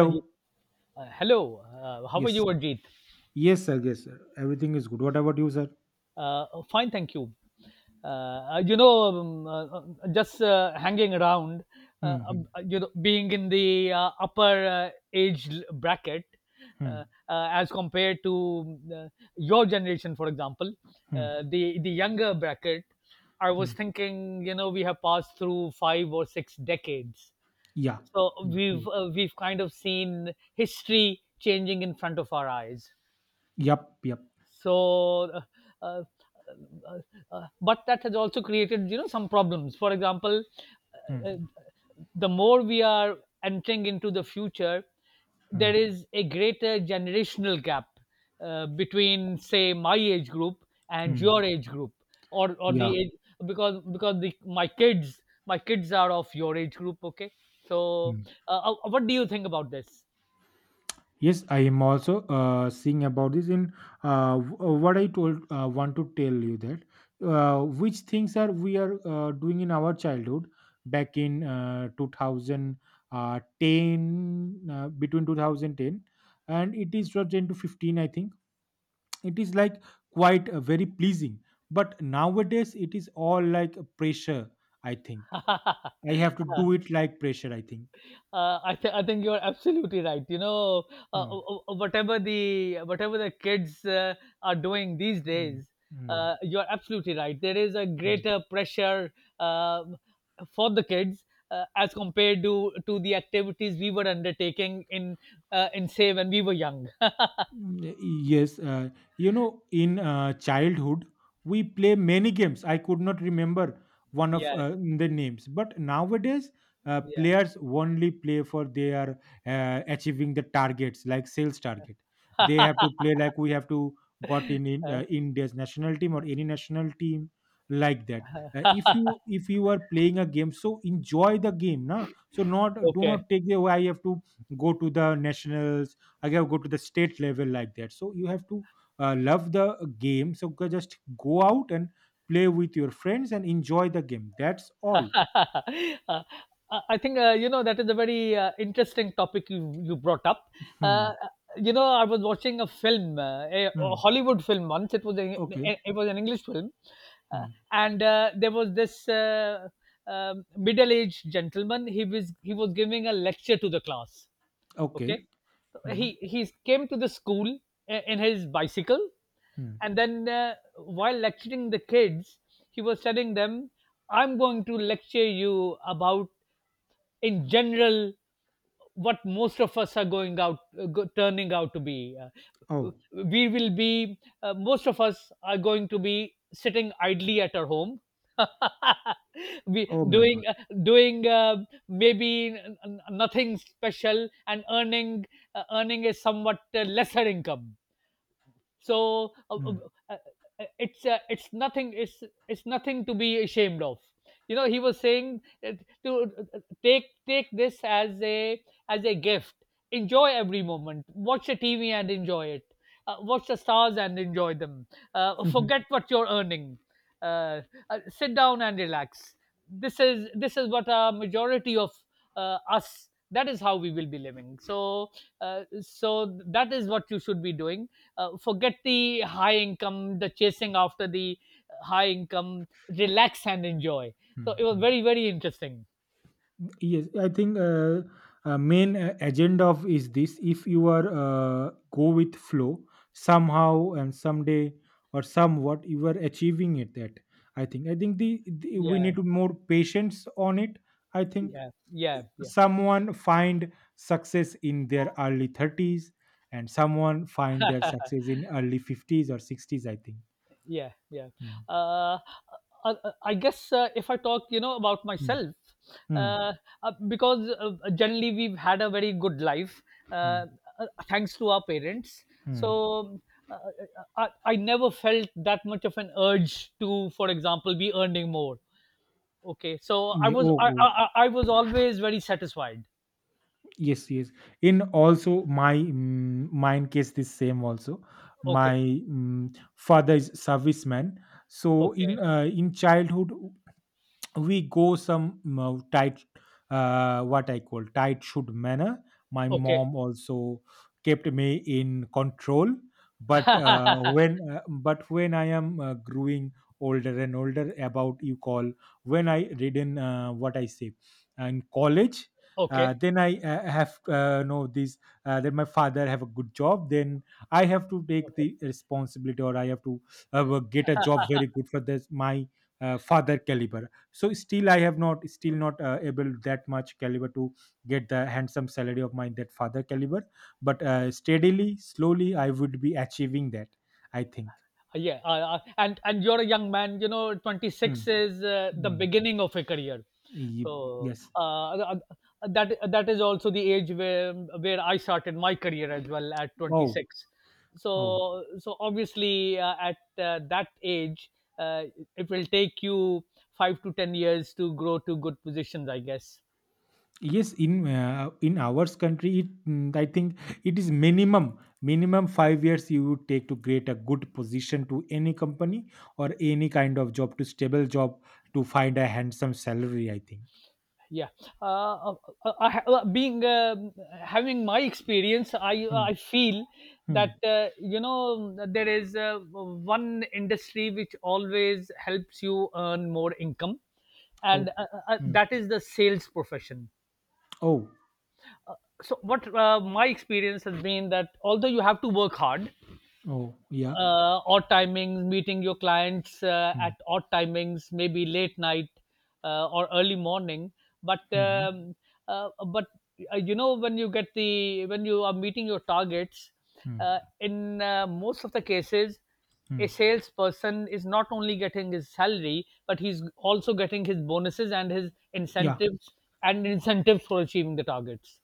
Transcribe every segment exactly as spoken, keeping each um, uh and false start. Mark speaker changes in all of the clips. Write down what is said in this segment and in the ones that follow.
Speaker 1: Uh, ye- uh, Hello, uh, how are
Speaker 2: Yes.
Speaker 1: you, Ajit?
Speaker 2: Yes, sir. Yes, sir. Everything is good. What about you, sir?
Speaker 1: Uh, oh, Fine, thank you. Uh, uh, you know, um, uh, uh, just uh, hanging around, uh,
Speaker 2: Mm-hmm.
Speaker 1: um, uh, you know, being in the uh, upper uh, age l- bracket,
Speaker 2: Mm-hmm.
Speaker 1: uh, uh, as compared to, uh, your generation, for example,
Speaker 2: hmm
Speaker 1: uh, the the younger bracket. I
Speaker 2: Hmm.
Speaker 1: was thinking, you know, we have passed through five or six decades,
Speaker 2: Yeah.
Speaker 1: so
Speaker 2: You.
Speaker 1: we've
Speaker 2: You.
Speaker 1: uh, we've kind of seen history changing in front of our eyes,
Speaker 2: Yup. Yup.
Speaker 1: so uh, uh, uh, uh, but that has also created, you know, some problems. For example,
Speaker 2: Hmm.
Speaker 1: uh, uh, the more we are entering into the future,
Speaker 2: Hmm.
Speaker 1: there is a greater generational gap, uh, between, say, my age group and
Speaker 2: Hmm.
Speaker 1: your age group, or or the
Speaker 2: Yeah.
Speaker 1: age, because because the, my kids, my kids are of your age group, okay? So
Speaker 2: Hmm.
Speaker 1: uh, uh, what do you think about this?
Speaker 2: Yes, I am also uh, seeing about this. In uh, w- uh, what I told, uh, want to tell you that uh, which things are we are uh, doing in our childhood back in uh, two thousand ten, uh, between two thousand ten and it is two thousand ten to fifteen, I think. It is like quite uh, very pleasing, but nowadays it is all like a pressure, I think. I have to do it like pressure, I think.
Speaker 1: Uh, I, th- I think you're absolutely right. You know, uh,
Speaker 2: Hmm,
Speaker 1: uh, uh, uh, whatever the whatever the kids uh, are doing these
Speaker 2: hmm,
Speaker 1: days,
Speaker 2: hmm,
Speaker 1: uh, you're absolutely right. There is a
Speaker 2: hmm.
Speaker 1: greater pressure um for the kids, uh, as compared to to the activities we were undertaking in, uh, in, say, when we were young.
Speaker 2: Mm, yes, uh, you know, in uh, childhood, we play many games. I could not remember one of
Speaker 1: Yeah,
Speaker 2: uh, the names, but nowadays, uh,
Speaker 1: yeah.
Speaker 2: players only play for they are uh, achieving the targets like sales target. They have to play like we have to got in in,
Speaker 1: Uh,
Speaker 2: uh, India's national team or any national team like that. Uh, if you if you are playing a game, so enjoy the game, na. So not do
Speaker 1: okay.
Speaker 2: not take the way. I have to go to the nationals, again go to the state level, like that, so you have to uh, love the game, so go- just go out and play with your friends and enjoy the game. That's all.
Speaker 1: Uh, I think uh, you know, that is a very uh, interesting topic you you brought up. Uh,
Speaker 2: Hmm.
Speaker 1: uh, you know, I was watching a film, uh, a
Speaker 2: Hmm.
Speaker 1: a Hollywood film once. It was a,
Speaker 2: okay
Speaker 1: it was an English film, uh,
Speaker 2: Hmm.
Speaker 1: and uh, there was this uh, um middle-aged gentleman. He was he was giving a lecture to the class.
Speaker 2: okay
Speaker 1: Okay,
Speaker 2: Hmm.
Speaker 1: he he came to the school i- in his bicycle,
Speaker 2: Hmm.
Speaker 1: and then uh, while lecturing the kids, he was telling them, I'm going to lecture you about, in general, what most of us are going out, uh, go, turning out to be. Uh,
Speaker 2: Oh.
Speaker 1: we will be, uh, most of us, are going to be sitting idly at our home, we
Speaker 2: Oh my God.
Speaker 1: doing uh, doing uh, maybe n- n- nothing special, and earning, uh, earning a somewhat uh, lesser income. So uh, uh,
Speaker 2: Hmm.
Speaker 1: uh, uh, it's uh, it's nothing, it's it's nothing to be ashamed of. You know, he was saying, uh, to uh, take take this as a as a gift, enjoy every moment, watch the TV and enjoy it, uh, watch the stars and enjoy them, uh, forget what you're earning, uh, uh, sit down and relax. This is this is what a majority of uh, us, that is how we will be living. So uh, so that is what you should be doing. Uh, forget the high income, the chasing after the high income, relax and enjoy. So
Speaker 2: Hmm.
Speaker 1: it was
Speaker 2: Hmm.
Speaker 1: very, very interesting.
Speaker 2: Yes, I think uh, uh, main uh, agenda of is this: if you are uh, go with flow, somehow and someday or somewhat, you are achieving it. That, I think. I think the, the we
Speaker 1: Yeah,
Speaker 2: need to more patience on it. I think
Speaker 1: yeah, yeah, yeah,
Speaker 2: someone find success in their early thirties, and someone find their success in early fifties or sixties. I think.
Speaker 1: yeah, yeah.
Speaker 2: Mm.
Speaker 1: Uh, I, I I guess, uh, if I talk, you know, about
Speaker 2: Mm.
Speaker 1: myself,
Speaker 2: Mm.
Speaker 1: uh, uh, because uh, generally we've had a very good life,
Speaker 2: Mm.
Speaker 1: uh, uh, thanks to our parents.
Speaker 2: Mm.
Speaker 1: So uh, uh, I, I never felt that much of an urge to, for example, be earning more. Okay, so I
Speaker 2: Yeah,
Speaker 1: was
Speaker 2: oh,
Speaker 1: I,
Speaker 2: oh.
Speaker 1: I I was always very satisfied.
Speaker 2: Yes, yes. In also my mm, mine case this same also. My
Speaker 1: Okay,
Speaker 2: mm, father is serviceman. So
Speaker 1: okay,
Speaker 2: in uh, in childhood, we go some uh, tight, uh, what I call tight should manner. My
Speaker 1: okay,
Speaker 2: mom also kept me in control, but uh, when uh, but when I am uh, growing older and older, about you call, when I read in, uh, what I say, uh, in college, uh,
Speaker 1: okay,
Speaker 2: then I uh, have uh, know this. Uh, then my father have a good job. Then I have to take
Speaker 1: okay.
Speaker 2: the responsibility, or I have to uh, get a job very good for this my uh, father caliber. So still I have not still not uh, able that much caliber to get the handsome salary of my that father caliber, but uh, steadily slowly I would be achieving that, I think.
Speaker 1: Uh, Yeah, uh, uh, and and you're a young man. You know,
Speaker 2: Hmm.
Speaker 1: twenty-six is uh, the
Speaker 2: Hmm.
Speaker 1: beginning of a career.
Speaker 2: Ye-
Speaker 1: So
Speaker 2: yes.
Speaker 1: uh, uh, uh, that that is also the age where where I started my career as well at
Speaker 2: Oh,
Speaker 1: twenty-six.
Speaker 2: oh,
Speaker 1: So so obviously uh, at uh, that age, uh, it will take you five to ten years to grow to good positions, I guess.
Speaker 2: yes. In uh, in our country, it, mm, I think, it is minimum minimum five years you would take to create a good position to any company or any kind of job, to stable job, to find a handsome salary, I think.
Speaker 1: Yeah, uh, uh, uh, uh, being um, having my experience, i
Speaker 2: Hmm.
Speaker 1: i feel
Speaker 2: Hmm.
Speaker 1: that uh, you know, there is uh, one industry which always helps you earn more income, and
Speaker 2: Oh.
Speaker 1: uh, uh, uh,
Speaker 2: Hmm.
Speaker 1: that is the sales profession.
Speaker 2: Oh,
Speaker 1: So what uh, my experience has been, that although you have to work hard,
Speaker 2: oh, yeah.
Speaker 1: uh, odd timings, meeting your clients uh, at odd timings, maybe late night uh, or early morning. But
Speaker 2: Mm-hmm.
Speaker 1: um, uh, but uh, you know, when you get the, when you are meeting your targets, uh, in uh, most of the cases, a
Speaker 2: Mm-hmm.
Speaker 1: salesperson is not only getting his salary, but he's also getting his bonuses and his
Speaker 2: Yeah.
Speaker 1: incentives, and incentives for achieving the targets.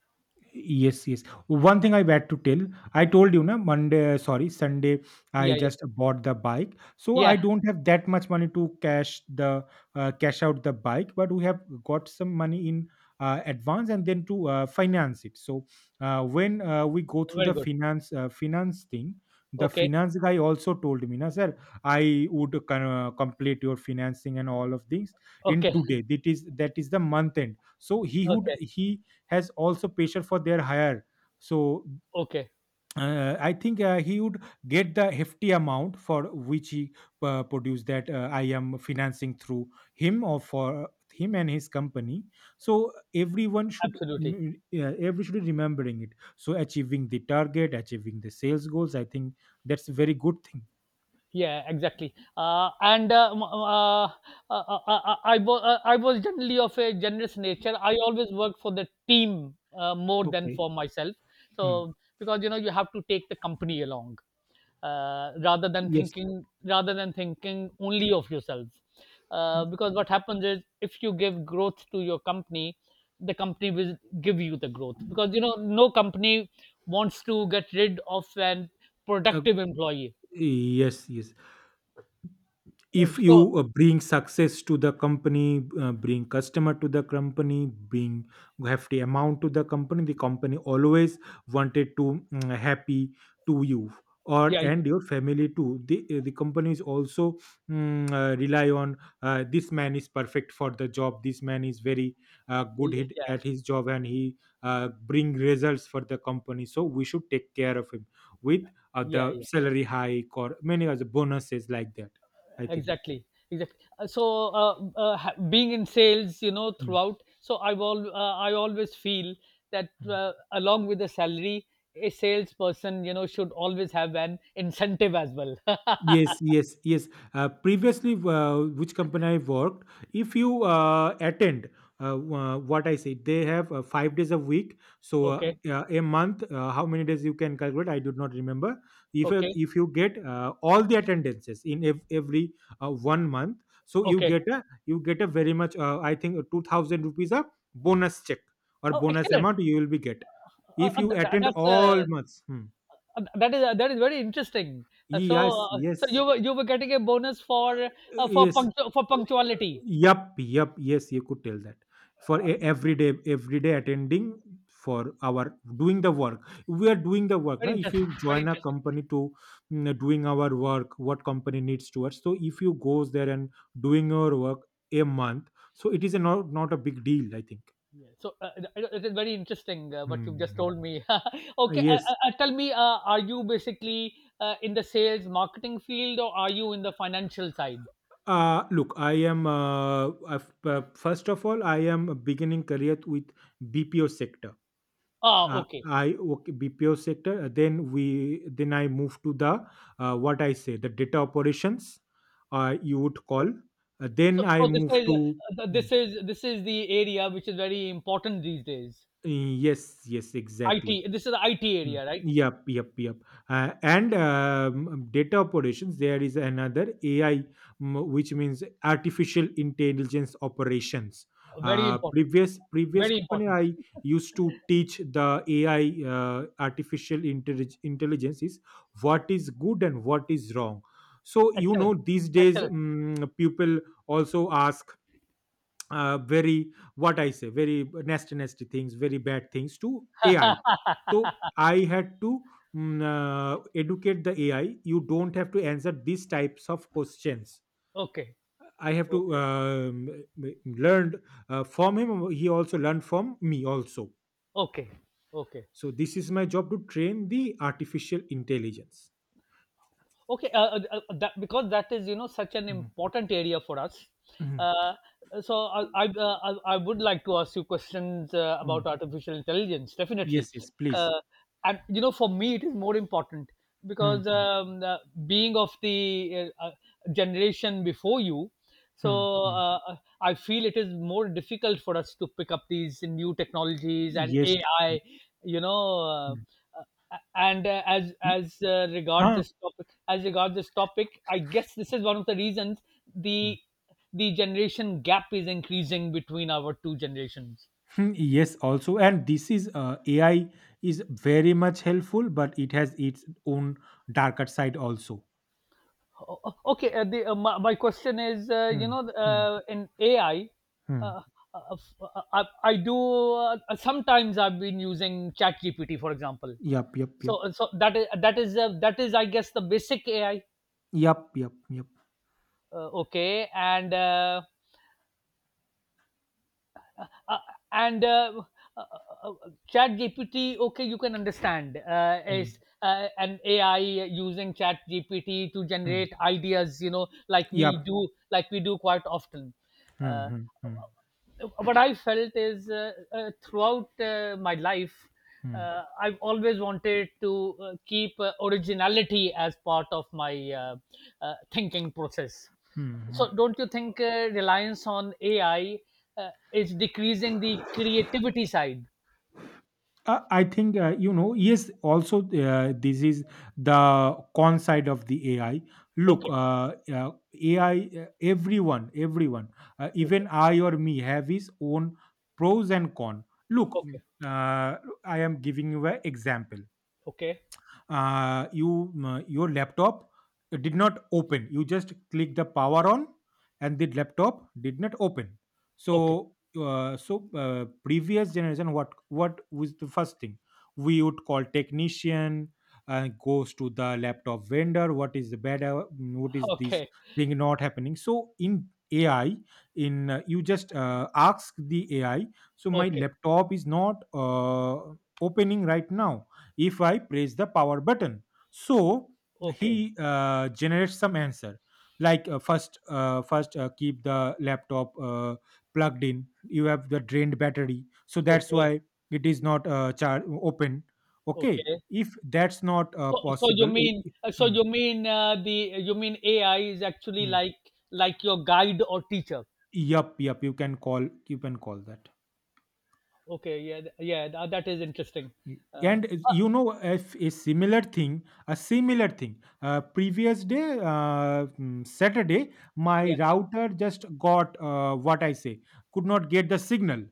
Speaker 2: Yes, yes. One thing I had to tell, I told you, na, Monday, sorry, Sunday, I
Speaker 1: Yeah, yeah,
Speaker 2: just bought the bike. So
Speaker 1: yeah.
Speaker 2: I don't have that much money to cash the uh, cash out the bike, but we have got some money in uh, advance and then to uh, finance it. So uh, when uh, we go through
Speaker 1: Very
Speaker 2: the
Speaker 1: good.
Speaker 2: finance uh, finance thing, the
Speaker 1: Okay,
Speaker 2: finance guy also told me, na, sir, I would con- uh, complete your financing and all of things in
Speaker 1: okay,
Speaker 2: today. That is that is the month end. So he would
Speaker 1: okay,
Speaker 2: he has also pressure for their hire. So
Speaker 1: okay.
Speaker 2: uh, I think uh, he would get the hefty amount for which he uh, produced that, uh, I am financing through him or for him and his company. So everyone should
Speaker 1: Absolutely.
Speaker 2: mm, uh, everyone should be remembering it. So achieving the target, achieving the sales goals, I think that's a very good thing.
Speaker 1: Yeah, exactly. Uh, and uh, m- uh, uh, uh, uh, uh, I, wa- uh, I was generally of a generous nature. I always work for the team uh, more than
Speaker 2: Okay.
Speaker 1: for myself.
Speaker 2: Hmm.
Speaker 1: So because you know, you have to take the company along, uh, rather than
Speaker 2: Yes.
Speaker 1: thinking, rather than thinking only of yourself. Uh,
Speaker 2: Mm,
Speaker 1: because what happens is, if you give growth to your company, the company will give you the growth. Because you know, no company wants to get rid of an
Speaker 2: Uh,
Speaker 1: productive employee.
Speaker 2: yes, yes. If
Speaker 1: So
Speaker 2: you uh, bring success to the company, uh, bring customer to the company, bring hefty amount to the company, the company always wanted to mm, happy to you or
Speaker 1: yeah,
Speaker 2: and
Speaker 1: yeah,
Speaker 2: your family too. The, uh, the companies also mm, uh, rely on, uh, this man is perfect for the job, this man is very uh, good
Speaker 1: yeah,
Speaker 2: hit
Speaker 1: yeah,
Speaker 2: at his job, and he uh, bring results for the company, so we should take care of him with uh,
Speaker 1: yeah.
Speaker 2: the
Speaker 1: Yeah.
Speaker 2: salary hike or many other bonuses like that, I think.
Speaker 1: Exactly, exactly. Uh, So, uh, uh, ha- being in sales, you know,
Speaker 2: Mm,
Speaker 1: throughout, so I've all, uh, I always feel that uh,
Speaker 2: mm.
Speaker 1: along with the salary, a salesperson, you know, should always have an incentive as well.
Speaker 2: Yes, yes, yes. Uh, previously, uh, which company I worked, if you uh, attend, uh, uh, what I say, they have uh, five days a week. So, uh,
Speaker 1: Okay,
Speaker 2: uh, a month, uh, how many days you can calculate? I do not remember. If uh,
Speaker 1: okay,
Speaker 2: if you get uh, all the attendances in ev- every uh, one month, so you
Speaker 1: okay.
Speaker 2: get a you get a very much. Uh, I think uh, two thousand rupees a bonus check or
Speaker 1: Oh,
Speaker 2: bonus
Speaker 1: excellent.
Speaker 2: amount you will be get
Speaker 1: Uh,
Speaker 2: if
Speaker 1: uh,
Speaker 2: you
Speaker 1: th- th-
Speaker 2: attend
Speaker 1: that's uh,
Speaker 2: all months. Hmm.
Speaker 1: uh, that is uh, that is very interesting. Uh, so,
Speaker 2: Yes,
Speaker 1: uh, so
Speaker 2: yes.
Speaker 1: you were you were getting a bonus for uh, for
Speaker 2: Yes,
Speaker 1: punctu- for punctuality.
Speaker 2: yup, yup, yes, you could tell that, for a
Speaker 1: Uh,
Speaker 2: everyday everyday attending, for our doing the work, we are doing the work now.
Speaker 1: very
Speaker 2: If you
Speaker 1: interesting. Very
Speaker 2: join a
Speaker 1: interesting.
Speaker 2: company to mm, doing our work, what company needs to towards, so if you goes there and doing your work a month, so it is a not, not a big deal, I think.
Speaker 1: Yeah. So uh, it, it is very interesting uh, what you've just
Speaker 2: Hmm.
Speaker 1: told me.
Speaker 2: Uh,
Speaker 1: Okay, uh,
Speaker 2: Yes.
Speaker 1: uh, uh, tell me, uh, are you basically uh, in the sales marketing field, or are you in the financial side?
Speaker 2: Uh, look, I am, uh, I've- uh, first of all, I am beginning career with B P O sector.
Speaker 1: Ah,
Speaker 2: Uh,
Speaker 1: okay.
Speaker 2: I, okay, B P O sector. uh, Then we then I move to the, uh, what I say, the data operations. Uh, you would call.
Speaker 1: Oh,
Speaker 2: Uh, then
Speaker 1: so,
Speaker 2: I
Speaker 1: so this
Speaker 2: move
Speaker 1: is
Speaker 2: to.
Speaker 1: uh, this is this is the area which is very important these days.
Speaker 2: Mm, yes, yes, exactly.
Speaker 1: I T. This is the I T
Speaker 2: Mm.
Speaker 1: area, right?
Speaker 2: Yep, yep, yep. Uh, and um, data operations, there is another A I, m- which means artificial intelligence operations.
Speaker 1: Very
Speaker 2: Uh,
Speaker 1: important.
Speaker 2: previous previous
Speaker 1: Very
Speaker 2: company
Speaker 1: important.
Speaker 2: I used to teach the A I, uh, artificial intellig- intelligence, is what is good and what is wrong. So, you
Speaker 1: Excellent.
Speaker 2: know these days,
Speaker 1: Excellent.
Speaker 2: mm people also ask, uh, very what I say, very nasty, nasty things, very bad things to A I. So I had to mm, uh, educate the A I. You don't have to answer these types of questions.
Speaker 1: Okay.
Speaker 2: I have to
Speaker 1: Okay.
Speaker 2: um, learned uh, from him. He also learned from me also.
Speaker 1: Okay. Okay.
Speaker 2: So this is my job to train the artificial intelligence.
Speaker 1: Okay, uh, uh, uh, that, because that is, you know, such an
Speaker 2: Mhm.
Speaker 1: important area for us,
Speaker 2: Mhm.
Speaker 1: uh, so I, I, uh, I I would like to ask you questions uh,
Speaker 2: Mm.
Speaker 1: about artificial intelligence, definitely,
Speaker 2: Yes, yes, please.
Speaker 1: uh, and you know, for me it is more important because
Speaker 2: Mhm.
Speaker 1: um, uh, being of the uh, uh, generation before you. So
Speaker 2: Mhm.
Speaker 1: uh, uh, I feel it is more difficult for us to pick up these new technologies and
Speaker 2: Yes.
Speaker 1: AI, you know. Uh,
Speaker 2: Mhm.
Speaker 1: uh, and uh, as as uh, regard
Speaker 2: Ah.
Speaker 1: this topic, as regard this topic I guess this is one of the reasons the the generation gap is increasing between our two generations.
Speaker 2: Hmm, yes, also, and this is uh, A I is very much helpful, but it has its own darker side also.
Speaker 1: O- o- okay, uh, the, uh, my, my question is, uh, you
Speaker 2: Hmm,
Speaker 1: know,
Speaker 2: hmm,
Speaker 1: uh, in AI,
Speaker 2: hmm,
Speaker 1: uh, uh, f- uh, I, I do, uh, sometimes I've been using chat gpt for example,
Speaker 2: yep, yep,
Speaker 1: so
Speaker 2: yep,
Speaker 1: uh, so that is that is uh, that is, I guess, the basic AI.
Speaker 2: yep, yep, yep,
Speaker 1: Uh, okay, and uh, uh, and uh, uh, uh, chat gpt okay, you can understand uh,
Speaker 2: hmm,
Speaker 1: is uh, an AI, using chat gpt to
Speaker 2: hmm.
Speaker 1: generate ideas, you know, like we
Speaker 2: Yep.
Speaker 1: do, like we do quite often.
Speaker 2: Hmm,
Speaker 1: Uh,
Speaker 2: hmm, hmm,
Speaker 1: what I felt is uh, uh, throughout uh, my life,
Speaker 2: hmm,
Speaker 1: uh, I've always wanted to uh, keep uh, originality as part of my, uh, uh, thinking process.
Speaker 2: hmm, hmm.
Speaker 1: So, don't you think uh, reliance on A I uh, is decreasing the creativity side?
Speaker 2: Uh, I think, uh, you know, yes, also, uh, this is the con side of the A I. Look,
Speaker 1: Okay,
Speaker 2: uh, uh, A I, uh, everyone, everyone, uh,
Speaker 1: okay,
Speaker 2: even I or me, have his own pros and con. Look, mm,
Speaker 1: okay,
Speaker 2: uh, I am giving you an example.
Speaker 1: okay,
Speaker 2: Uh, you m- your laptop did not open, you just click the power on and the laptop did not open,
Speaker 1: okay,
Speaker 2: so uh, so uh, previous generation, what what was the first thing? We would call technician, uh, goes to the laptop vendor, what is the better, what is this
Speaker 1: okay,
Speaker 2: thing not happening? So in AI, in uh, you just uh, ask the AI, so my
Speaker 1: okay,
Speaker 2: laptop is not uh, opening right now, if I press the power button. So
Speaker 1: okay,
Speaker 2: he uh, generates some answer like, uh, first uh, first uh, keep the laptop uh, plugged in, you have the drained battery, so that's
Speaker 1: okay,
Speaker 2: why it is not uh, char- open. Okay,
Speaker 1: okay.
Speaker 2: if that's not uh,
Speaker 1: So, so you
Speaker 2: possible. I-
Speaker 1: mean,
Speaker 2: i-
Speaker 1: uh, so
Speaker 2: mm,
Speaker 1: you mean uh, the, you mean A I is actually
Speaker 2: mm.
Speaker 1: like like your guide or teacher?
Speaker 2: Yup, yup, you can call, you can call that.
Speaker 1: Okay, yeah, th- yeah, tha- that is interesting. Uh,
Speaker 2: And uh,
Speaker 1: uh,
Speaker 2: you know if a similar thing a similar thing, uh, previous day, uh, mm, saturday my
Speaker 1: yeah.
Speaker 2: router just got, uh, what I say, could not get the signal,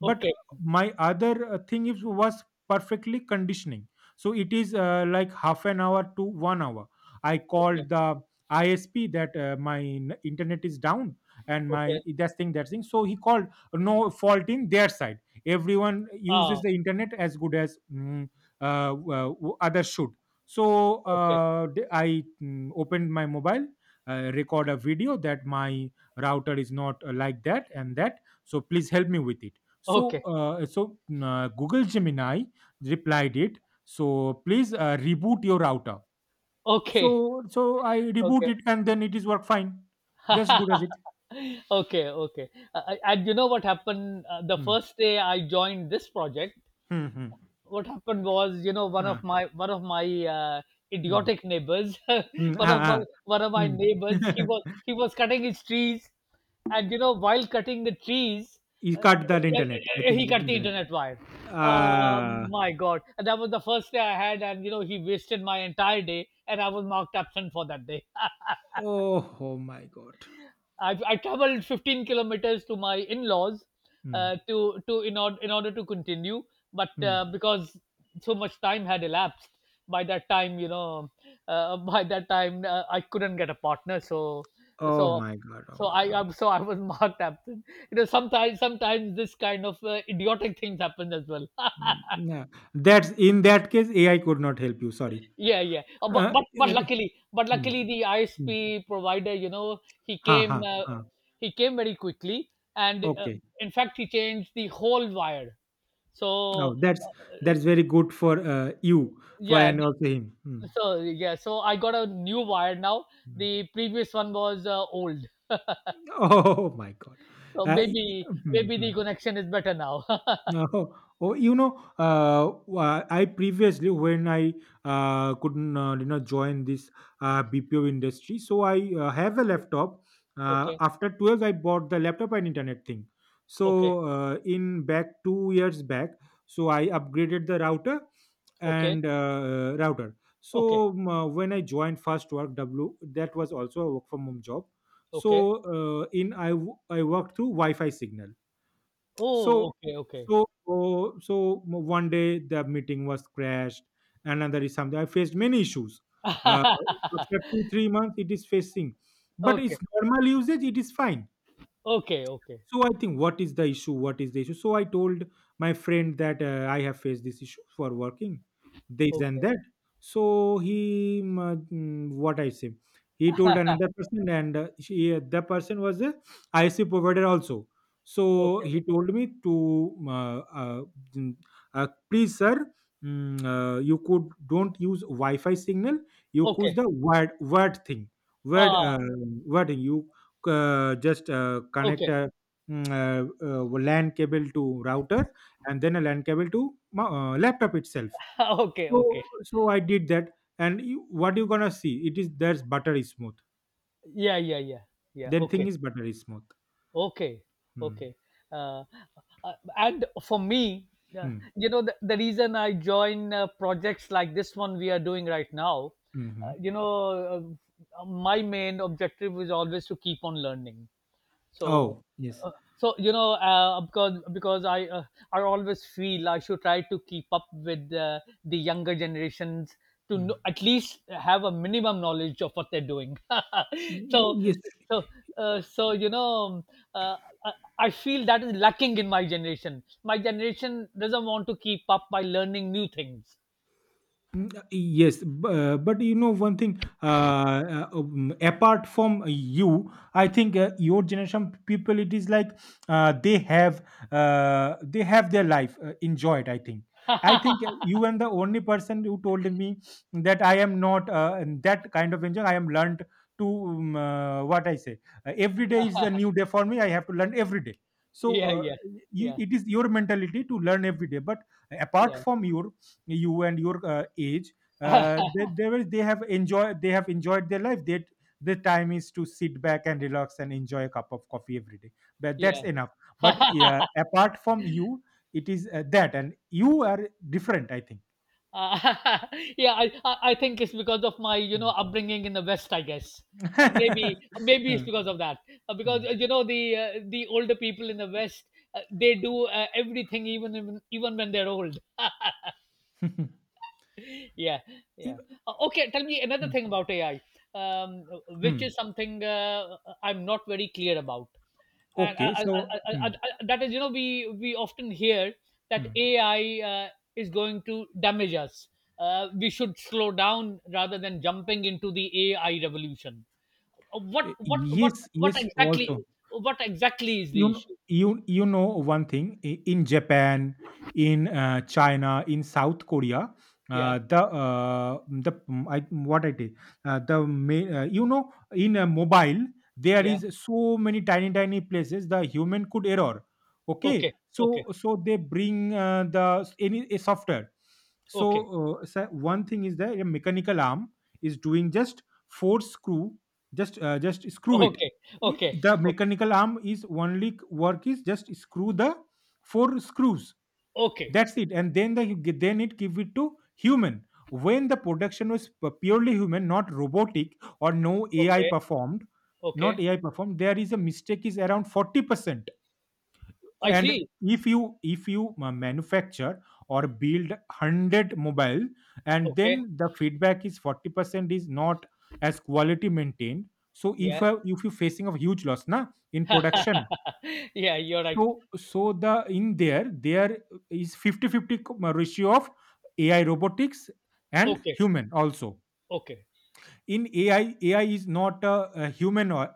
Speaker 2: but
Speaker 1: Okay.
Speaker 2: my other uh, thing is was perfectly conditioning. So it is uh, like half an hour to one hour. I
Speaker 1: Okay.
Speaker 2: called the I S P that uh, my n- internet is down and my
Speaker 1: Okay.
Speaker 2: that's thing, that thing. So he called, no fault in their side, everyone uses
Speaker 1: Ah.
Speaker 2: the internet as good as, mm, uh, w- others should. so
Speaker 1: Okay.
Speaker 2: uh, d- i mm, opened my mobile, uh, record a video that my router is not uh, like that and that, so please help me with it. so,
Speaker 1: Okay.
Speaker 2: uh, so uh, Google Gemini replied it. So please uh, reboot your router.
Speaker 1: Okay.
Speaker 2: So, so I reboot
Speaker 1: Okay.
Speaker 2: it, and then it is work fine, just good as it.
Speaker 1: Okay. Okay. Uh, uh, and you know what happened? Uh, the
Speaker 2: Hmm.
Speaker 1: first day I joined this project,
Speaker 2: Hmm, hmm.
Speaker 1: what happened was, you know, one of
Speaker 2: Ah.
Speaker 1: my one of my uh,
Speaker 2: Hmm.
Speaker 1: idiotic neighbors,
Speaker 2: Mm,
Speaker 1: one of
Speaker 2: ah,
Speaker 1: my
Speaker 2: ah,
Speaker 1: one of my
Speaker 2: hmm.
Speaker 1: neighbors, he was he was cutting his trees, and you know, while cutting the trees,
Speaker 2: He
Speaker 1: uh,
Speaker 2: cut that internet. I
Speaker 1: uh,
Speaker 2: think
Speaker 1: he
Speaker 2: the
Speaker 1: cut the
Speaker 2: internet.
Speaker 1: internet wire. uh,
Speaker 2: Ah,
Speaker 1: my god, and that was the first day I had, and you know, he wasted my entire day, and I was marked absent for that day.
Speaker 2: oh, oh my God.
Speaker 1: I've, I traveled fifteen kilometers to my in-laws
Speaker 2: Hmm.
Speaker 1: uh, to to in order in order to continue, but
Speaker 2: Hmm.
Speaker 1: uh, because so much time had elapsed by that time, you know, uh, by that time, uh, I couldn't get a partner, so
Speaker 2: Oh
Speaker 1: so
Speaker 2: my God. Oh
Speaker 1: so
Speaker 2: my
Speaker 1: I
Speaker 2: God.
Speaker 1: I'm, so I was marked absent. You know, sometimes sometimes this kind of uh, idiotic things happen as well.
Speaker 2: Mm, yeah, that's, in that case A I could not help you. Sorry.
Speaker 1: Yeah, yeah. Uh, but
Speaker 2: Uh,
Speaker 1: but
Speaker 2: in
Speaker 1: but
Speaker 2: that-
Speaker 1: luckily, but
Speaker 2: Hmm,
Speaker 1: luckily the
Speaker 2: hmm.
Speaker 1: I S P provider, you know, he
Speaker 2: Ha ha.
Speaker 1: came uh, he came very quickly, and uh,
Speaker 2: Okay.
Speaker 1: in fact, he changed the whole wire. So
Speaker 2: Oh, that's that's very good for uh, you, for
Speaker 1: yeah,
Speaker 2: and also him. Hmm,
Speaker 1: so yeah, so I got a new wire now.
Speaker 2: hmm.
Speaker 1: The previous one was uh, old,
Speaker 2: Oh my God.
Speaker 1: so
Speaker 2: Uh, y-
Speaker 1: maybe
Speaker 2: hmm,
Speaker 1: maybe
Speaker 2: hmm.
Speaker 1: the connection is better now.
Speaker 2: Oh, oh, you know, uh, wha- I previously, when I uh, couldn't, uh, you know join this uh, B P O industry, so I uh, have a laptop. Uh,
Speaker 1: Okay,
Speaker 2: after twelve, I bought the laptop and internet thing.
Speaker 1: okay,
Speaker 2: So uh, in back two years back, so I upgraded the router
Speaker 1: okay,
Speaker 2: and uh, router.
Speaker 1: okay,
Speaker 2: So um, uh, when I joined first Work W, that was also a work from home job.
Speaker 1: okay.
Speaker 2: So uh, in I w- I worked through Wi-Fi signal.
Speaker 1: Oh,
Speaker 2: So
Speaker 1: okay, okay,
Speaker 2: so so so one day the meeting was crashed. Another is something I faced many issues. Uh, After two three months, it is facing, but it's
Speaker 1: okay,
Speaker 2: normal usage. It is fine,
Speaker 1: okay, okay,
Speaker 2: so I think, what is the issue? What is the issue? So I told my friend that uh, I have faced this issue for working this and
Speaker 1: okay,
Speaker 2: that. So he, mm, uh, mm, what I say, he told another person, and uh, she, uh, the person was a I S P provider also. So
Speaker 1: okay,
Speaker 2: he told me to, mm, uh, uh, mm, uh, please sir, mm, uh, you could don't use Wi-Fi signal. You use
Speaker 1: okay.
Speaker 2: the word word thing, word uh,
Speaker 1: Ah,
Speaker 2: word you uh, just uh, connect.
Speaker 1: okay.
Speaker 2: Uh, mm, uh, uh, LAN cable to router, and then a LAN cable to mo- uh, laptop itself.
Speaker 1: Okay,
Speaker 2: So
Speaker 1: okay,
Speaker 2: so I did that, and you, what you gonna see? It is There's buttery smooth.
Speaker 1: yeah, yeah, yeah, yeah,
Speaker 2: Then thing
Speaker 1: okay,
Speaker 2: is buttery smooth.
Speaker 1: okay,
Speaker 2: Hmm.
Speaker 1: okay. uh, uh, and for me, uh,
Speaker 2: Hmm.
Speaker 1: you know, the, the reason I join uh, projects like this one we are doing right now. uh,
Speaker 2: Hmm.
Speaker 1: you know uh, my main objective is always to keep on learning. So,
Speaker 2: Oh yes.
Speaker 1: uh, so you know uh, because because I uh, I always feel I should try to keep up with uh, the younger generations, to
Speaker 2: Mm.
Speaker 1: know, at least have a minimum knowledge of what they're doing.
Speaker 2: Mm,
Speaker 1: so
Speaker 2: yes.
Speaker 1: so uh, so you know uh, I, I feel that is lacking in my generation. My generation doesn't want to keep up by learning new things.
Speaker 2: Mm, uh, Yes, b- uh, but you know one thing. Uh, uh, um, apart from you, I think uh, your generation people, it is like uh, they have uh, they have their life uh, enjoyed. I think. I think uh, you and the only person who told me that I am not uh, in that kind of enjoy. I am learned to, um, uh, what I say. Uh, every day is a new day for me. I have to learn every day. So
Speaker 1: Yeah,
Speaker 2: uh,
Speaker 1: yeah,
Speaker 2: you,
Speaker 1: yeah,
Speaker 2: it is your mentality to learn every day. But apart from your you and your uh, age, uh,
Speaker 1: yeah.
Speaker 2: they, they will they have enjoyed they have enjoyed their life, they the time is to sit back and relax and enjoy a cup of coffee every day, but that's
Speaker 1: Yeah.
Speaker 2: enough. But yeah, apart from you, it is uh, that, and you are different, I think.
Speaker 1: Uh, yeah, I, I I think it's because of my you know
Speaker 2: Mm.
Speaker 1: upbringing in the West, I guess. Uh, maybe maybe it's
Speaker 2: Huh.
Speaker 1: because of that. Uh,
Speaker 2: Hmm.
Speaker 1: because uh, you know the uh, the older people in the West, uh, they do uh, everything even even even when they're old. Yeah, yeah.
Speaker 2: In-
Speaker 1: Uh, okay, tell me another
Speaker 2: hmm.
Speaker 1: thing about A I, um, which
Speaker 2: Hmm.
Speaker 1: is something uh, I'm not very clear about. And I,
Speaker 2: Okay,
Speaker 1: I,
Speaker 2: so
Speaker 1: I, I,
Speaker 2: hmm.
Speaker 1: I, I- that is, you know we we often hear that
Speaker 2: Hmm.
Speaker 1: A I uh, is going to damage us. Uh, we should slow down rather than jumping into the A I revolution. Uh, what
Speaker 2: Y-
Speaker 1: what what
Speaker 2: yes,
Speaker 1: what
Speaker 2: yes,
Speaker 1: exactly
Speaker 2: also.
Speaker 1: what exactly is the
Speaker 2: You know,
Speaker 1: issue?
Speaker 2: you you know one thing, i- in Japan, in uh, China, in South Korea,
Speaker 1: Yeah,
Speaker 2: uh, the uh, the mm, I, what I say uh, the ma- uh, you know in a mobile, there
Speaker 1: yeah.
Speaker 2: is so many tiny tiny places the human could error.
Speaker 1: Okay,
Speaker 2: Okay,
Speaker 1: okay,
Speaker 2: so so they bring uh, the s- any a software.
Speaker 1: okay,
Speaker 2: So, uh, so one thing is that a mechanical arm is doing just four screw, just uh, just screw it.
Speaker 1: okay, okay,
Speaker 2: I-
Speaker 1: okay,
Speaker 2: the mechanical arm is only c- work is just screw the four screws,
Speaker 1: okay,
Speaker 2: that's it, and then the you get- then it give it to human. When the production was pu- purely human, not robotic or no AI
Speaker 1: okay,
Speaker 2: performed, not
Speaker 1: okay.
Speaker 2: AI performed, there is a mistake is around forty percent.
Speaker 1: I
Speaker 2: And
Speaker 1: see.
Speaker 2: if you if you uh, manufacture or build a hundred mobile, and
Speaker 1: Okay.
Speaker 2: then the feedback is forty percent is not as quality maintained, so if
Speaker 1: Yeah.
Speaker 2: uh, if you're facing a huge loss na in production.
Speaker 1: Yeah, you're right.
Speaker 2: So so the in there there is fifty fifty 50 ratio of AI robotics and
Speaker 1: Okay.
Speaker 2: human also.
Speaker 1: Okay.
Speaker 2: In ai ai is not a, a human. uh,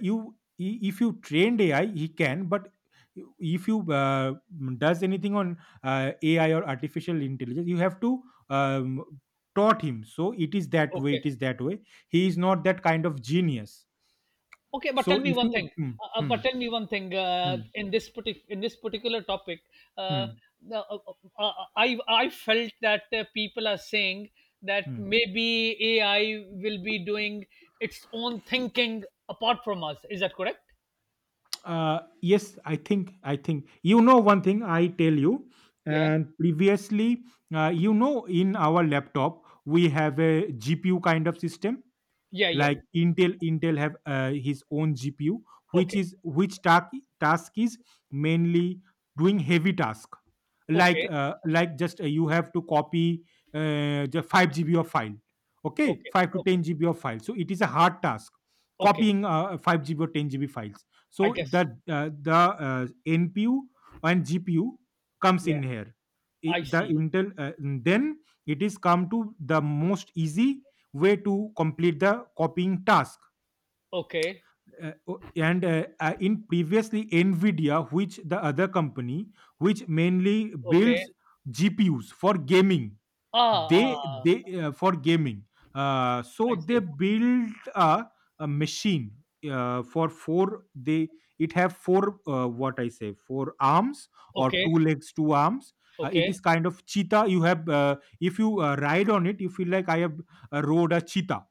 Speaker 2: you i- if you trained AI, he can, but if you uh, does anything on uh, AI or artificial intelligence, you have to um, taught him, so it is that way,
Speaker 1: Okay.
Speaker 2: it is that way. He is not that kind of genius.
Speaker 1: Okay. But
Speaker 2: So
Speaker 1: tell me
Speaker 2: if
Speaker 1: one
Speaker 2: you...
Speaker 1: thing.
Speaker 2: hmm,
Speaker 1: Uh, uh,
Speaker 2: hmm,
Speaker 1: but tell me one thing. Uh,
Speaker 2: hmm,
Speaker 1: in this partic- in this particular topic, uh,
Speaker 2: hmm,
Speaker 1: the- uh, uh, uh, I I felt that uh, people are saying that
Speaker 2: hmm.
Speaker 1: maybe A I will be doing its own thinking apart from us. Is that correct?
Speaker 2: Uh, yes, i think i think you know one thing, I tell you.
Speaker 1: Yeah.
Speaker 2: And previously, uh, you know, in our laptop, we have a G P U kind of system,
Speaker 1: Yeah. Yeah.
Speaker 2: like
Speaker 1: Yeah.
Speaker 2: intel intel have uh, his own G P U, which
Speaker 1: Okay.
Speaker 2: is which task, task is mainly doing heavy task, like
Speaker 1: Okay.
Speaker 2: uh, like just uh, you have to copy uh, the five G B of file. Okay,
Speaker 1: Okay.
Speaker 2: five to
Speaker 1: Okay.
Speaker 2: ten G B of file, so it is a hard task,
Speaker 1: Okay.
Speaker 2: copying uh, five G B or ten G B files.
Speaker 1: I
Speaker 2: So
Speaker 1: guess.
Speaker 2: the uh, the uh, N P U and GPU comes
Speaker 1: Yeah.
Speaker 2: in here. I-
Speaker 1: I
Speaker 2: the
Speaker 1: see.
Speaker 2: Intel, uh, then it is come to the most easy way to complete the copying task.
Speaker 1: Okay.
Speaker 2: Uh, o- and uh, uh, In previously, Nvidia, which the other company, which mainly
Speaker 1: Okay.
Speaker 2: builds G P Us for gaming,
Speaker 1: Ah, ah,
Speaker 2: they they
Speaker 1: ah.
Speaker 2: uh, for gaming, uh, so
Speaker 1: I
Speaker 2: they
Speaker 1: see.
Speaker 2: built a, a machine uh, for four, they it have four uh, what I say four arms, or
Speaker 1: Okay,
Speaker 2: two legs, two arms. Uh, it
Speaker 1: okay.
Speaker 2: is kind of cheetah. You have, uh, if you uh, ride on it, you feel like I have uh, rode a cheetah.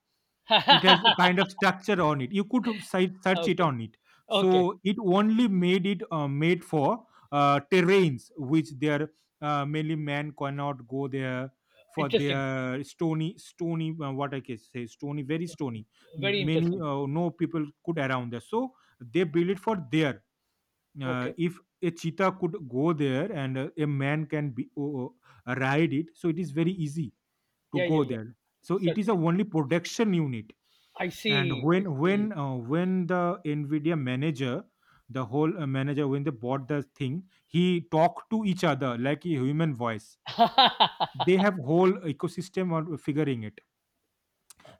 Speaker 2: It has a kind of structure on it. You could si- search it
Speaker 1: Okay,
Speaker 2: on it.
Speaker 1: okay.
Speaker 2: So it only made it uh, made for uh, terrains, which there uh, mainly man cannot go there, for
Speaker 1: Interesting.
Speaker 2: their stony stony, uh, what I can say stony, very stony.
Speaker 1: Very
Speaker 2: Many,
Speaker 1: interesting.
Speaker 2: uh, no people could around there. So they build it for there. Uh,
Speaker 1: Okay.
Speaker 2: if a cheetah could go there, and uh, a man can be o- ride it, so it is very easy to
Speaker 1: Yeah, yeah,
Speaker 2: go
Speaker 1: yeah.
Speaker 2: there. So it is a
Speaker 1: Certainly.
Speaker 2: only production unit.
Speaker 1: I
Speaker 2: And
Speaker 1: see, I
Speaker 2: when when
Speaker 1: see.
Speaker 2: uh, when the Nvidia manager, the whole uh, manager, when they bought the thing, he talked to each other like a human voice. They have whole ecosystem on figuring it.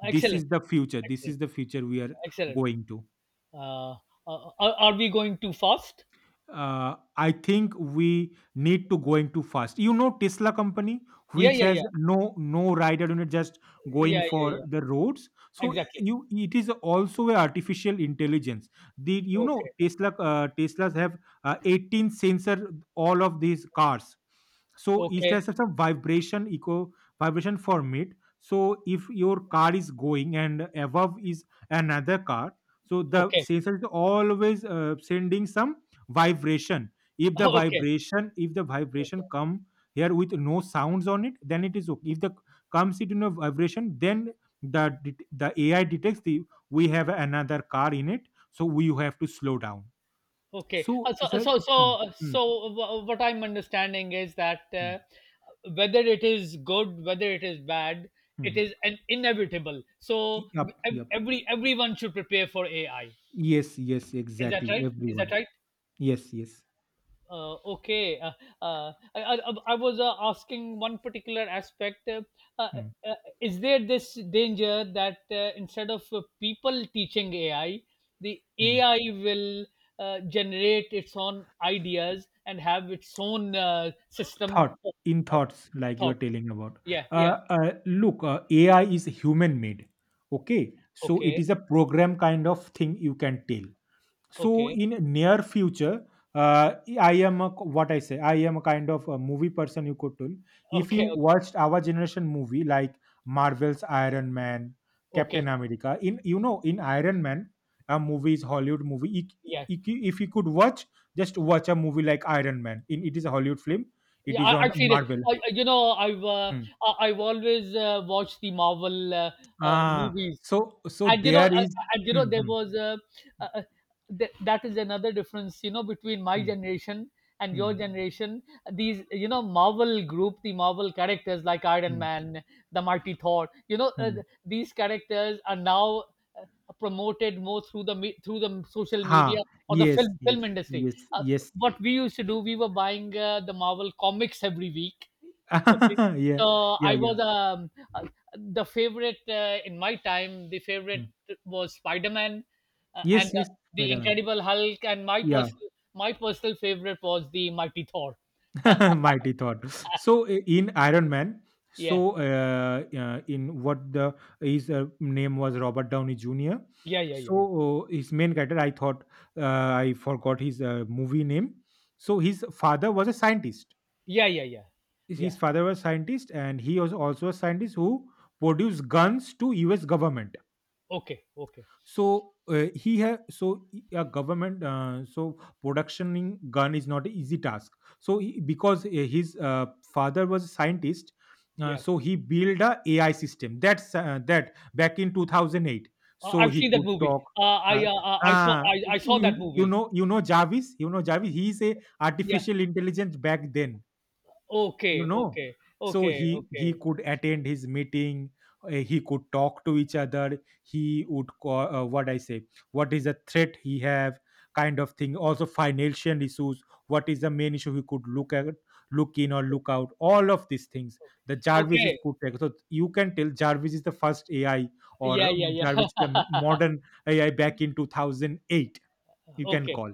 Speaker 2: This
Speaker 1: Excellent,
Speaker 2: is the future, this
Speaker 1: excellent,
Speaker 2: is the future, we are
Speaker 1: excellent.
Speaker 2: going to.
Speaker 1: Uh, uh, are are we going too fast?
Speaker 2: uh, I think we need to going too fast. You know, Tesla company,
Speaker 1: Yeah,
Speaker 2: which
Speaker 1: yeah,
Speaker 2: has
Speaker 1: yeah.
Speaker 2: no no rider unit, just going
Speaker 1: Yeah, yeah,
Speaker 2: for
Speaker 1: yeah.
Speaker 2: the roads. So
Speaker 1: Exactly.
Speaker 2: you, it is also a artificial intelligence. The, you know,
Speaker 1: Okay,
Speaker 2: Tesla, uh, Teslas have uh, eighteen sensor all of these cars. So it
Speaker 1: okay,
Speaker 2: has some vibration eco, vibration from it. So if your car is going and above is another car, so the
Speaker 1: okay,
Speaker 2: sensor is always uh, sending some vibration. If the
Speaker 1: okay,
Speaker 2: vibration, if the
Speaker 1: okay.
Speaker 2: vibration come here with no sounds on it, then it is okay. If the comes it in a vibration, then the det- the A I detects the, we have another car in it, so we have to slow down.
Speaker 1: Okay.
Speaker 2: So
Speaker 1: Uh, so,
Speaker 2: it's a...
Speaker 1: so, so,
Speaker 2: Hmm,
Speaker 1: so, wha- what I'm understanding is that,
Speaker 2: hmm, hmm,
Speaker 1: uh, whether it is good, whether it is bad, it
Speaker 2: hmm.
Speaker 1: is an inevitable. So,
Speaker 2: Yup,
Speaker 1: ev-
Speaker 2: yup.
Speaker 1: every everyone should prepare for A I.
Speaker 2: Yes, yes,
Speaker 1: Is that
Speaker 2: exactly.
Speaker 1: right? Is that
Speaker 2: Everyone.
Speaker 1: right?
Speaker 2: Yes, yes.
Speaker 1: Uh, okay, uh, uh, I, I, I was uh, asking one particular aspect. Uh, uh,
Speaker 2: Hmm,
Speaker 1: uh, is there this danger that, uh, instead of uh, people teaching A I, the
Speaker 2: hmm.
Speaker 1: A I will uh, generate its own ideas and have its own uh, system
Speaker 2: Thought,
Speaker 1: of,
Speaker 2: in
Speaker 1: of
Speaker 2: thoughts, like you are
Speaker 1: thought?
Speaker 2: telling about.
Speaker 1: Yeah,
Speaker 2: Uh,
Speaker 1: yeah.
Speaker 2: uh, look, uh, AI is human made. Okay, so it
Speaker 1: Okay,
Speaker 2: is a program kind of thing, you can tell. So
Speaker 1: okay,
Speaker 2: in near future, uh, I am a, what I say I am a kind of a movie person, you could tell. If you
Speaker 1: okay, okay,
Speaker 2: watched our generation movie like Marvel's Iron Man,
Speaker 1: okay.
Speaker 2: Captain America, in, you know, in Iron Man, a movie is Hollywood movie. if,
Speaker 1: Yeah,
Speaker 2: if you, if you could watch, just watch a movie like Iron Man, in it is a Hollywood film. It
Speaker 1: yeah,
Speaker 2: is
Speaker 1: I,
Speaker 2: on
Speaker 1: I've seen it.
Speaker 2: Marvel.
Speaker 1: I, I- you know, I've uh,
Speaker 2: Hmm.
Speaker 1: I- I've always uh, watched the Marvel uh, uh,
Speaker 2: Ah
Speaker 1: movies,
Speaker 2: so so
Speaker 1: and you know, uh,
Speaker 2: there is...
Speaker 1: uh, and you know,
Speaker 2: hmm,
Speaker 1: there
Speaker 2: hmm,
Speaker 1: was uh uh, uh, th- that is another difference, you know, between my
Speaker 2: hmm,
Speaker 1: generation and
Speaker 2: hmm,
Speaker 1: your generation. These, you know, Marvel group, the Marvel characters like Iron
Speaker 2: hmm,
Speaker 1: Man, the Mighty Thor, you know, uh,
Speaker 2: hmm.
Speaker 1: th- these characters are now uh, promoted more through the me- through the social
Speaker 2: Ah,
Speaker 1: media or the
Speaker 2: yes
Speaker 1: film
Speaker 2: yes
Speaker 1: film industry.
Speaker 2: yes
Speaker 1: Uh,
Speaker 2: yes.
Speaker 1: what we used to do, we were buying uh, the Marvel comics every week. Okay,
Speaker 2: Yeah,
Speaker 1: so
Speaker 2: yeah,
Speaker 1: I
Speaker 2: yeah.
Speaker 1: was um, uh, the favorite uh, in my time. The favorite
Speaker 2: Mm.
Speaker 1: was Spider Man, uh, and
Speaker 2: Yes,
Speaker 1: uh,
Speaker 2: yes,
Speaker 1: the
Speaker 2: Spider-Man.
Speaker 1: Incredible Hulk, and my
Speaker 2: Yeah,
Speaker 1: personal my personal favorite was the Mighty Thor.
Speaker 2: mighty thought. So i- in Iron Man,
Speaker 1: Yeah,
Speaker 2: so uh, uh, in what the his uh, name was Robert Downey Junior
Speaker 1: yeah, yeah, yeah,
Speaker 2: So uh, his main character, I thought, uh, I forgot his uh, movie name. So his father was a scientist.
Speaker 1: yeah, yeah, yeah,
Speaker 2: His
Speaker 1: yeah.
Speaker 2: his father was a scientist, and he was also a scientist who produced guns to U S government.
Speaker 1: Okay, okay,
Speaker 2: So uh, he have so a government, uh, so productioning gun is not an easy task. So he, because uh, his uh, father was a scientist, uh,
Speaker 1: yeah.
Speaker 2: so he built a AI system, that's uh, that back in two thousand eight,
Speaker 1: Uh,
Speaker 2: so
Speaker 1: I've
Speaker 2: he
Speaker 1: seen that
Speaker 2: could
Speaker 1: movie.
Speaker 2: talk.
Speaker 1: Uh,
Speaker 2: uh,
Speaker 1: I uh, uh, I saw
Speaker 2: uh,
Speaker 1: I, I saw that
Speaker 2: you, you
Speaker 1: movie.
Speaker 2: know, you know Jarvis, you know Jarvis, he is a
Speaker 1: Yeah.
Speaker 2: artificial intelligence back then, you
Speaker 1: Okay.
Speaker 2: know.
Speaker 1: Okay.
Speaker 2: So
Speaker 1: Okay.
Speaker 2: he he
Speaker 1: Okay.
Speaker 2: could attend his meeting. Uh, he could talk to each other, he would co- uh, what I say what is the threat he have kind of thing, also financial issues, what is the main issue he could look at, look in or look out, all of these things the Jarvis is
Speaker 1: Okay.
Speaker 2: could take. So you can tell Jarvis is the first AI, or
Speaker 1: Yeah, yeah,
Speaker 2: um,
Speaker 1: yeah.
Speaker 2: Jarvis is the modern AI back in two thousand eight, you can
Speaker 1: Okay,
Speaker 2: call.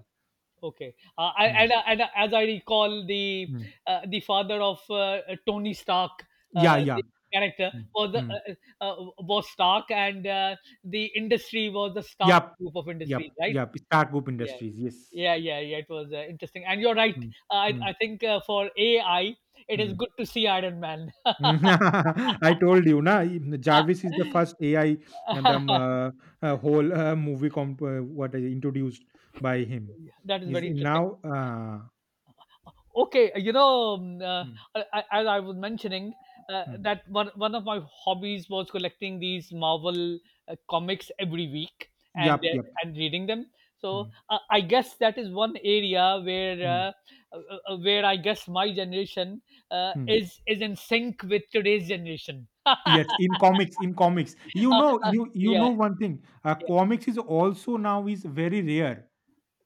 Speaker 1: okay. Uh, I,
Speaker 2: Hmm.
Speaker 1: and, uh, and uh, as I recall, the
Speaker 2: Hmm.
Speaker 1: uh, the father of uh, Tony Stark,
Speaker 2: Yeah,
Speaker 1: uh,
Speaker 2: yeah.
Speaker 1: the character
Speaker 2: Hmm.
Speaker 1: was the,
Speaker 2: Hmm.
Speaker 1: uh, uh, was Stark, and uh, the industry was the Stark
Speaker 2: Yup,
Speaker 1: group of
Speaker 2: yup,
Speaker 1: industries, right?
Speaker 2: yup. Star Group
Speaker 1: Yeah,
Speaker 2: Industries. Yes.
Speaker 1: yeah, yeah, yeah. It was uh, interesting, and you're right.
Speaker 2: Mm,
Speaker 1: Uh, I
Speaker 2: mm,
Speaker 1: I think uh, for A I, it is
Speaker 2: mm.
Speaker 1: good to see Iron Man.
Speaker 2: I told you, na. Jarvis is the first A I, and the um, uh, uh, whole uh, movie comp uh, what is introduced by him
Speaker 1: That is
Speaker 2: is
Speaker 1: very interesting.
Speaker 2: now. Uh,
Speaker 1: Okay, you know, um, uh,
Speaker 2: mm,
Speaker 1: I- I- as I was mentioning, uh,
Speaker 2: mm.
Speaker 1: that one one of my hobbies was collecting these Marvel uh, comics every week, and
Speaker 2: Yup,
Speaker 1: uh,
Speaker 2: yup.
Speaker 1: and reading them. So,
Speaker 2: Mm,
Speaker 1: uh, I guess that is one area where
Speaker 2: mm,
Speaker 1: uh, uh, uh, where I guess my generation, uh,
Speaker 2: mm.
Speaker 1: is is in sync with today's generation.
Speaker 2: Yes, in comics, in comics, you know, you you
Speaker 1: Yeah,
Speaker 2: know one thing. Uh,
Speaker 1: yeah,
Speaker 2: comics is also now is very rare.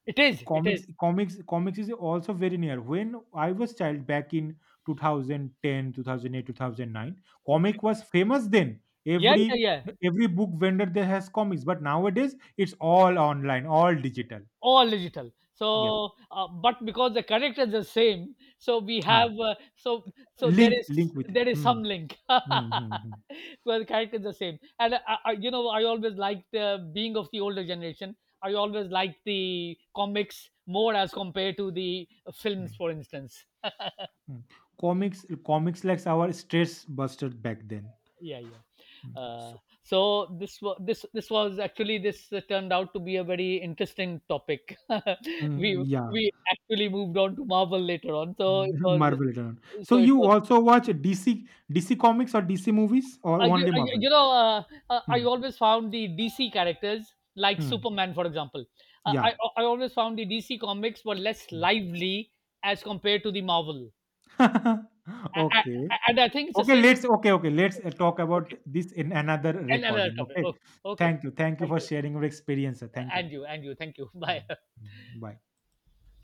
Speaker 1: it is, it
Speaker 2: Comics
Speaker 1: is.
Speaker 2: comics comics is also very near. When I was child back in two thousand ten, two 2009,
Speaker 1: Okay.
Speaker 2: comic was famous then.
Speaker 1: Yeah, yeah,
Speaker 2: Every
Speaker 1: yeah.
Speaker 2: every book vendor there has comics, but nowadays it's all online, all digital.
Speaker 1: All digital.
Speaker 2: Yep.
Speaker 1: So uh, but because the characters are same, so we have,
Speaker 2: Ah,
Speaker 1: uh, so so there
Speaker 2: link
Speaker 1: is
Speaker 2: link with.
Speaker 1: there is
Speaker 2: Hmm.
Speaker 1: some link.
Speaker 2: Hmm. Hmm. Hmm.
Speaker 1: Well, the character is the same. And I, I, you know I always liked, uh, being of the older generation, I always liked the comics more as compared to the
Speaker 2: Hmm,
Speaker 1: films, for instance.
Speaker 2: hmm. Comics comics like our stress buster back then.
Speaker 1: Yeah, yeah.
Speaker 2: Hmm.
Speaker 1: uh,
Speaker 2: So,
Speaker 1: so this was this this was actually this uh, turned out to be a very interesting topic. we
Speaker 2: mm, yeah.
Speaker 1: we actually moved on to Marvel later on, so it was.
Speaker 2: Marvel return. So
Speaker 1: So it
Speaker 2: you
Speaker 1: was.
Speaker 2: also watch D C D C comics or D C movies, or
Speaker 1: Uh, you,
Speaker 2: only
Speaker 1: uh, you
Speaker 2: Marvel?
Speaker 1: you know, uh, uh, I
Speaker 2: Hmm,
Speaker 1: always found the D C characters like
Speaker 2: hmm.
Speaker 1: Superman, for example. Uh, I
Speaker 2: Yeah.
Speaker 1: uh, I always found the D C comics were less
Speaker 2: Hmm.
Speaker 1: lively as compared to the Marvel. A- a-
Speaker 2: Okay.
Speaker 1: and I think it's the
Speaker 2: Okay,
Speaker 1: same.
Speaker 2: let's, okay, okay, let's uh, talk about
Speaker 1: Okay,
Speaker 2: this in another
Speaker 1: and another
Speaker 2: recording,
Speaker 1: topic.
Speaker 2: okay?
Speaker 1: Oh, okay,
Speaker 2: Thank you. Thank you
Speaker 1: thank
Speaker 2: for
Speaker 1: you,
Speaker 2: sharing your experience, sir. Thank you.
Speaker 1: and you, and you, thank you. Bye.
Speaker 2: Mm, mm. Bye.